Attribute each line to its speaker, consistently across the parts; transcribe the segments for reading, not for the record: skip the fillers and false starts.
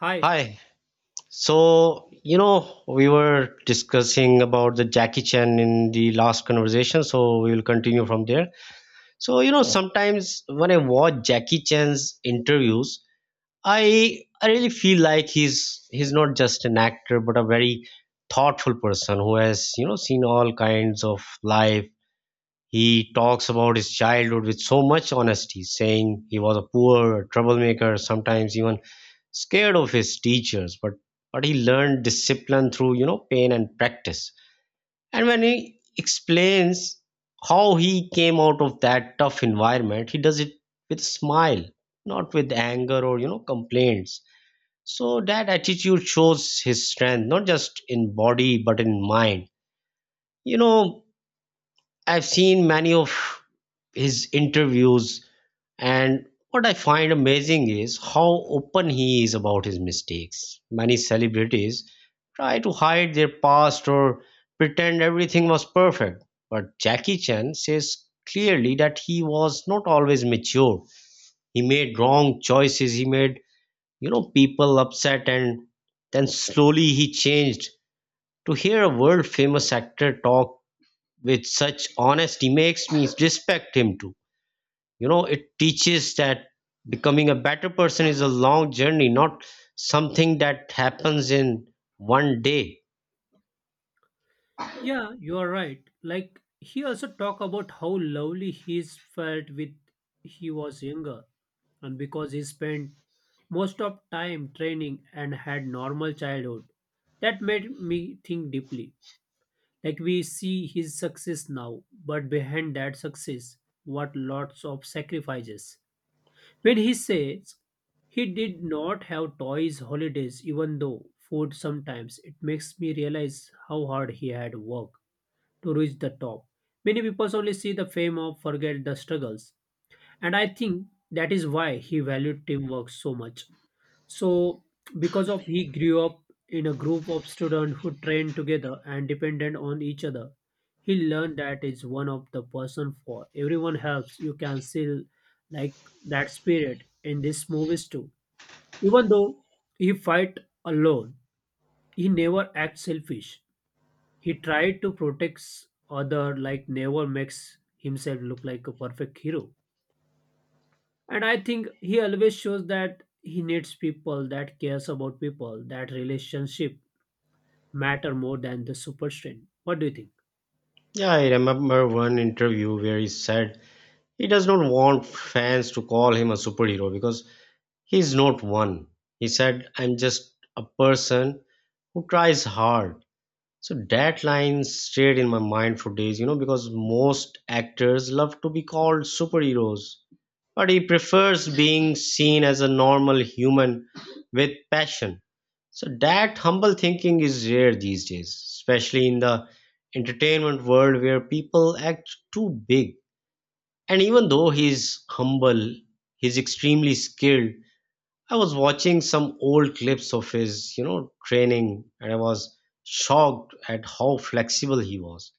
Speaker 1: Hi.
Speaker 2: Hi. We were discussing about the Jackie Chan in the last conversation, so we will continue from there. Sometimes when I watch Jackie Chan's interviews, I really feel like he's not just an actor but a very thoughtful person who has, seen all kinds of life. He talks about his childhood with so much honesty, saying he was a poor troublemaker, sometimes even scared of his teachers, but he learned discipline through pain and practice. And when he explains how he came out of that tough environment, he does it with a smile, not with anger or complaints. So that attitude shows his strength, not just in body but in mind. You know, I've seen many of his interviews and what I find amazing is how open he is about his mistakes. Many celebrities try to hide their past or pretend everything was perfect, but Jackie Chan says clearly that he was not always mature. He made wrong choices, he made, you know, people upset and then slowly he changed. To hear a world famous actor talk with such honesty makes me respect him too. It teaches that becoming a better person is a long journey, not something that happens in one day.
Speaker 1: Yeah, you are right. Like he also talk about how lovely he's felt with he was younger, and because he spent most of time training and had normal childhood, that made me think deeply. Like we see his success now, but behind that success, what lots of sacrifices. When he says he did not have toys holidays, even though food sometimes, it makes me realize how hard he had worked to reach the top. Many people only see the fame or forget the struggles. And I think that is why he valued teamwork so much. So, because of he grew up in a group of students who trained together and depended on each other, he learned that is one of the person for everyone helps. You can see like that spirit in these movies too. Even though he fight alone, he never acts selfish. He tried to protect other like never makes himself look like a perfect hero. And I think he always shows that he needs people that cares about people, that relationship matter more than the super strength. What do you think?
Speaker 2: Yeah, I remember one interview where he said he does not want fans to call him a superhero because he's not one. He said, "I'm just a person who tries hard." So that line stayed in my mind for days because most actors love to be called superheroes, but he prefers being seen as a normal human with passion. So that humble thinking is rare these days, especially in the entertainment world where people act too big. And even though he's humble, he's extremely skilled. I was watching some old clips of his, training, and I was shocked at how flexible he was.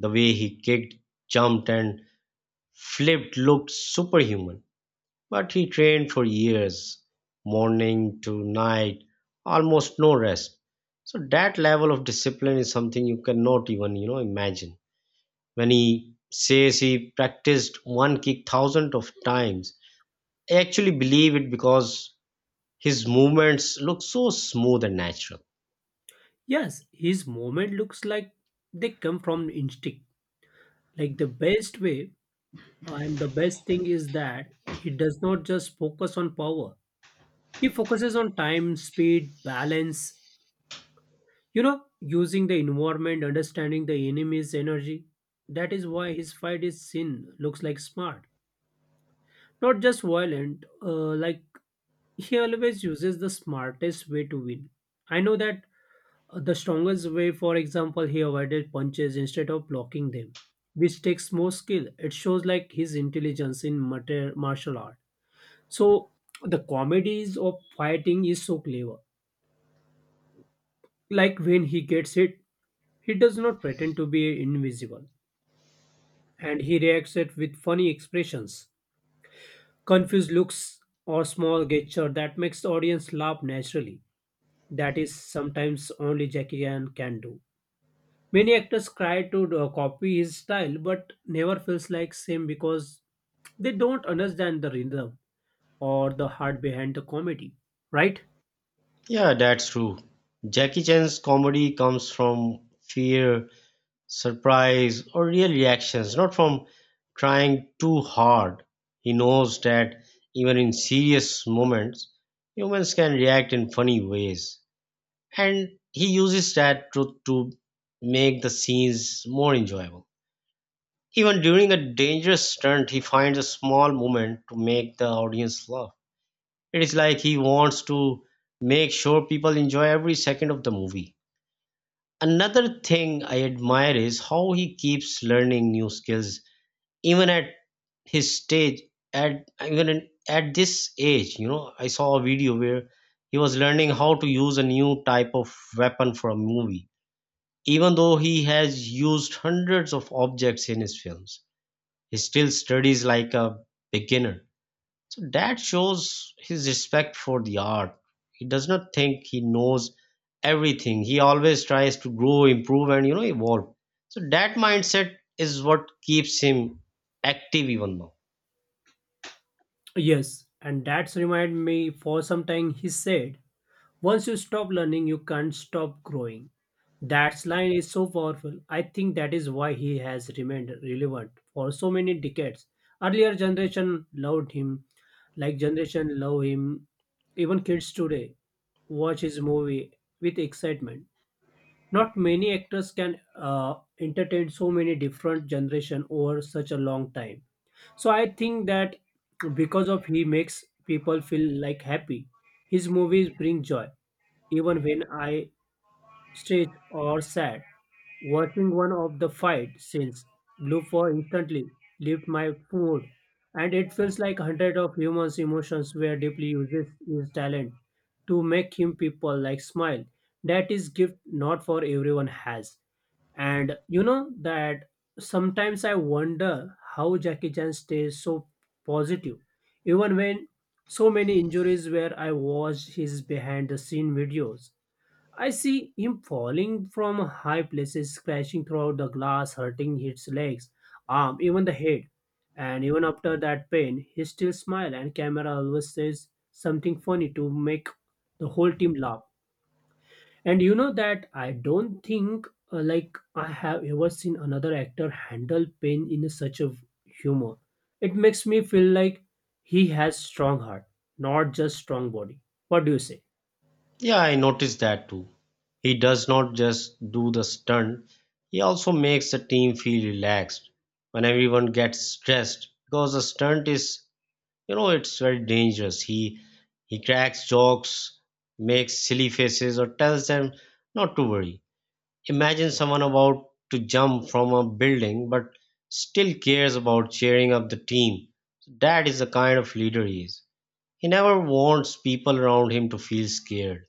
Speaker 2: The way he kicked, jumped and flipped looked superhuman, but he trained for years, morning to night, almost no rest. So that level of discipline is something you cannot even, imagine. When he says he practiced one kick thousand of times, I actually believe it because his movements look so smooth and natural.
Speaker 1: Yes, his moment looks like they come from instinct. Like the best way and the best thing is that he does not just focus on power. He focuses on time, speed, balance, you know, using the environment, understanding the enemy's energy. That is why his fight is seen, looks like smart. Not just violent, like he always uses the smartest way to win. I know that the strongest way, for example, he avoided punches instead of blocking them, which takes more skill. It shows like his intelligence in martial art. So the comedies of fighting is so clever. Like when he gets hit, he does not pretend to be invisible, and he reacts it with funny expressions, confused looks, or small gesture that makes the audience laugh naturally. That is sometimes only Jackie Chan can do. Many actors try to copy his style, but never feels like same because they don't understand the rhythm or the heart behind the comedy, right?
Speaker 2: Yeah, that's true. Jackie Chan's comedy comes from fear, surprise, or real reactions, not from trying too hard. He knows that even in serious moments, humans can react in funny ways, and he uses that truth to make the scenes more enjoyable. Even during a dangerous stunt, he finds a small moment to make the audience laugh. It is like he wants to make sure people enjoy every second of the movie. Another thing I admire is how he keeps learning new skills even at his stage at even in- at this age. I saw a video where he was learning how to use a new type of weapon for a movie. Even though he has used hundreds of objects in his films, he still studies like a beginner. So that shows his respect for the art. He does not think he knows everything. He always tries to grow, improve and evolve. So that mindset is what keeps him active even now.
Speaker 1: Yes, and that's remind me for some time he said, once you stop learning, you can't stop growing. That line is so powerful. I think that is why he has remained relevant for so many decades. Earlier generation loved him, like generation love him. Even kids today watch his movie with excitement. Not many actors can entertain so many different generation over such a long time. So I think that because of he makes people feel like happy, his movies bring joy, even when I stressed or sad. Watching one of the fight scenes, blue for instantly lift my mood, and it feels like hundred of humans' emotions were deeply uses his talent to make him people like smile. That is gift not for everyone has. And you know that sometimes I wonder how Jackie Chan stays so positive, even when so many injuries where I watch his behind the scene videos. I see him falling from high places, crashing throughout the glass, hurting his legs, arm, even the head. And even after that pain, he still smiles and camera always says something funny to make the whole team laugh. And you know that I don't think like I have ever seen another actor handle pain in such a humor. It makes me feel like he has strong heart, not just strong body. What do you say?
Speaker 2: Yeah, I noticed that too. He does not just do the stunt, he also makes the team feel relaxed when everyone gets stressed because the stunt is, it's very dangerous. He cracks jokes, makes silly faces or tells them not to worry. Imagine someone about to jump from a building but still cares about cheering up the team. That is the kind of leader he is. He never wants people around him to feel scared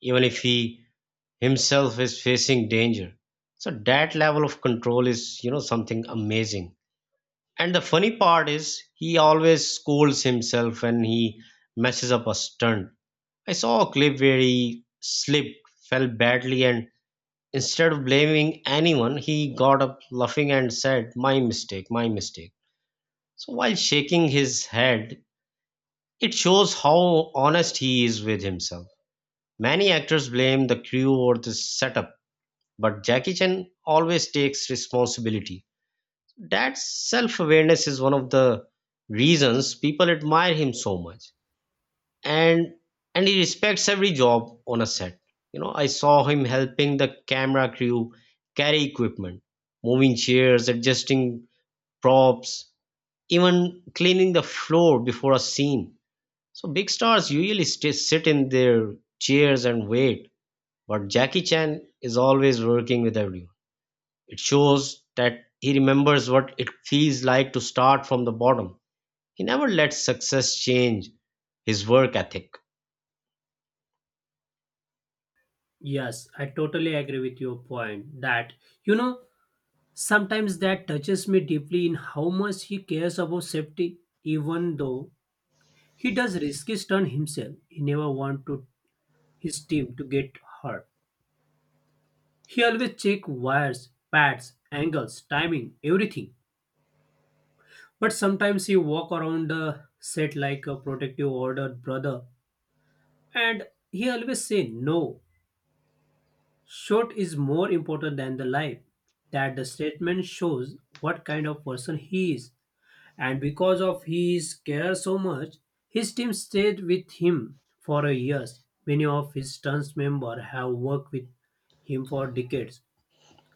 Speaker 2: even if he himself is facing danger. So that level of control is something amazing. And the funny part is he always scolds himself when he messes up a stunt. I saw a clip where he slipped, fell badly, and instead of blaming anyone he got up laughing and said, "My mistake, my mistake," so while shaking his head. It shows how honest he is with himself. Many actors blame the crew or the setup, but Jackie Chan always takes responsibility. That self awareness is one of the reasons people admire him so much. And and he respects every job on a set. You know, I saw him helping the camera crew carry equipment, moving chairs, adjusting props, even cleaning the floor before a scene. So big stars usually stay, sit in their chairs and wait, but Jackie Chan is always working with everyone. It shows that he remembers what it feels like to start from the bottom. He never lets success change his work ethic.
Speaker 1: Yes, I totally agree with your point that you know sometimes that touches me deeply in how much he cares about safety even though he does risky stunt himself. He never want to his team to get hurt. He always check wires, pads, angles, timing, everything. But sometimes he walk around the set like a protective order brother and he always say no. Short is more important than the life. That the statement shows what kind of person he is. And because of his care so much, his team stayed with him for a years. Many of his stunts member have worked with him for decades.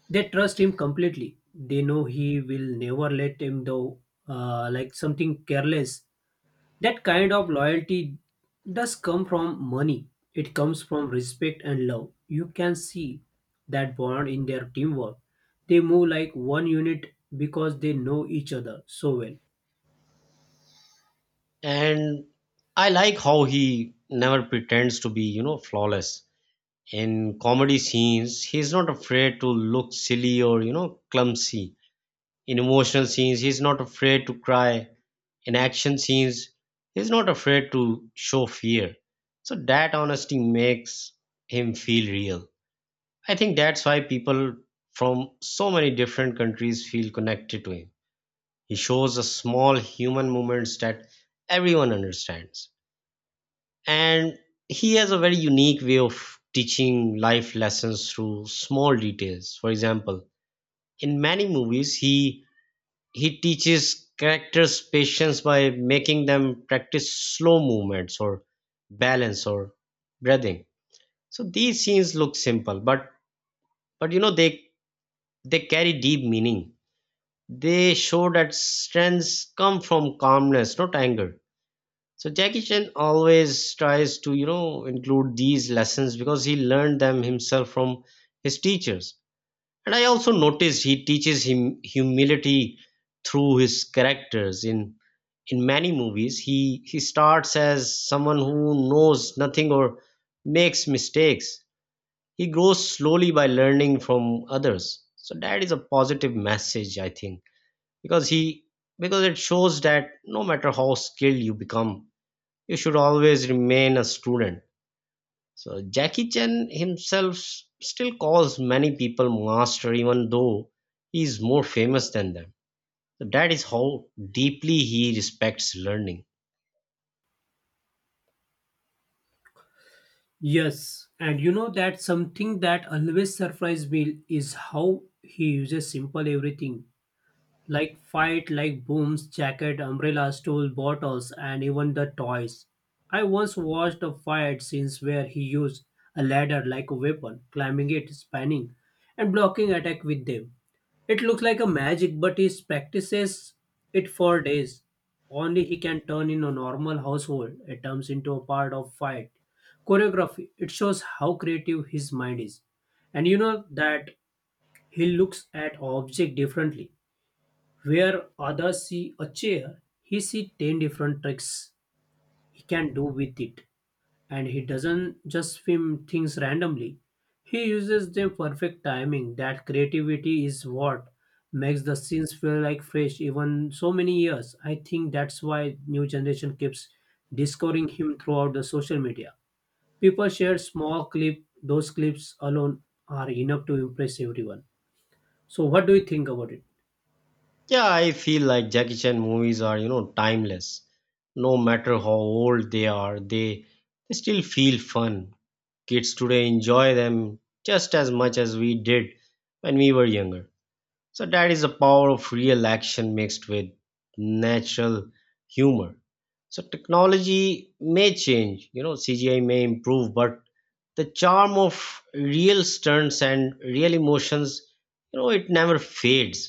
Speaker 1: They trust him completely. They know he will never let him though, like something careless. That kind of loyalty does come from money. It comes from respect and love. You can see that bond in their teamwork. They move like one unit because they know each other so well.
Speaker 2: And I like how he never pretends to be, flawless. In comedy scenes, he's not afraid to look silly or, clumsy. In emotional scenes, he's not afraid to cry. In action scenes, he's not afraid to show fear. So that honesty makes him feel real. I think that's why people from so many different countries feel connected to him. He shows us small human movements that everyone understands. And he has a very unique way of teaching life lessons through small details. For example, in many movies, he teaches characters patience by making them practice slow movements or balance or breathing. So these scenes look simple, but they carry deep meaning. They show that strengths come from calmness, not anger. So Jackie Chan always tries to, include these lessons because he learned them himself from his teachers. And I also noticed he teaches him humility through his characters. In many movies, he starts as someone who knows nothing or makes mistakes. He grows slowly by learning from others. So that is a positive message, I think because he because it shows that no matter how skilled you become, you should always remain a student. So Jackie Chan himself still calls many people master even though he is more famous than them. So that is how deeply he respects learning.
Speaker 1: Yes, and you know that something that always surprised me is how he uses simple everything like fight like booms, jacket, umbrellas, stool, bottles, and even the toys. I once watched a fight scenes where he used a ladder like a weapon, climbing it, spanning, and blocking attack with them. It looks like a magic, but he practices it for days. Only he can turn in a normal household. It turns into a part of fight. Choreography. It shows how creative his mind is. And you know that he looks at object differently where others see a chair, he see 10 different tricks he can do with it. And he doesn't just film things randomly. He uses them perfect timing. That creativity is what makes the scenes feel like fresh even so many years. I think that's why new generation keeps discovering him throughout the social media. People share small clip, those clips alone are enough to impress everyone. So what do you think about it?
Speaker 2: Yeah, I feel like Jackie Chan movies are, timeless. No matter how old they are, they still feel fun. Kids today enjoy them just as much as we did when we were younger. So that is the power of real action mixed with natural humor. So technology may change, you know, CGI may improve, but the charm of real stunts and real emotions, it never fades.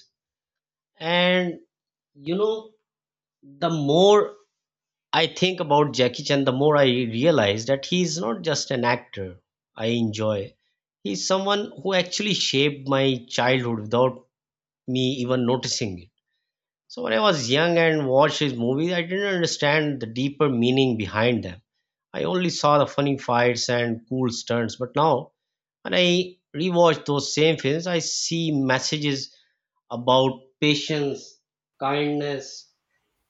Speaker 2: And you know, the more I think about Jackie Chan, the more I realize that he's not just an actor I enjoy. He's someone who actually shaped my childhood without me even noticing it. So when I was young and watched his movies, I didn't understand the deeper meaning behind them. I only saw the funny fights and cool stunts, but now when I rewatch those same films, I see messages about patience, kindness,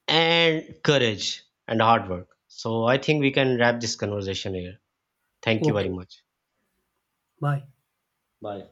Speaker 2: and courage and hard work. So I think we can wrap this conversation here. Thank you very
Speaker 1: Okay.
Speaker 2: much.
Speaker 1: Bye.
Speaker 2: Bye.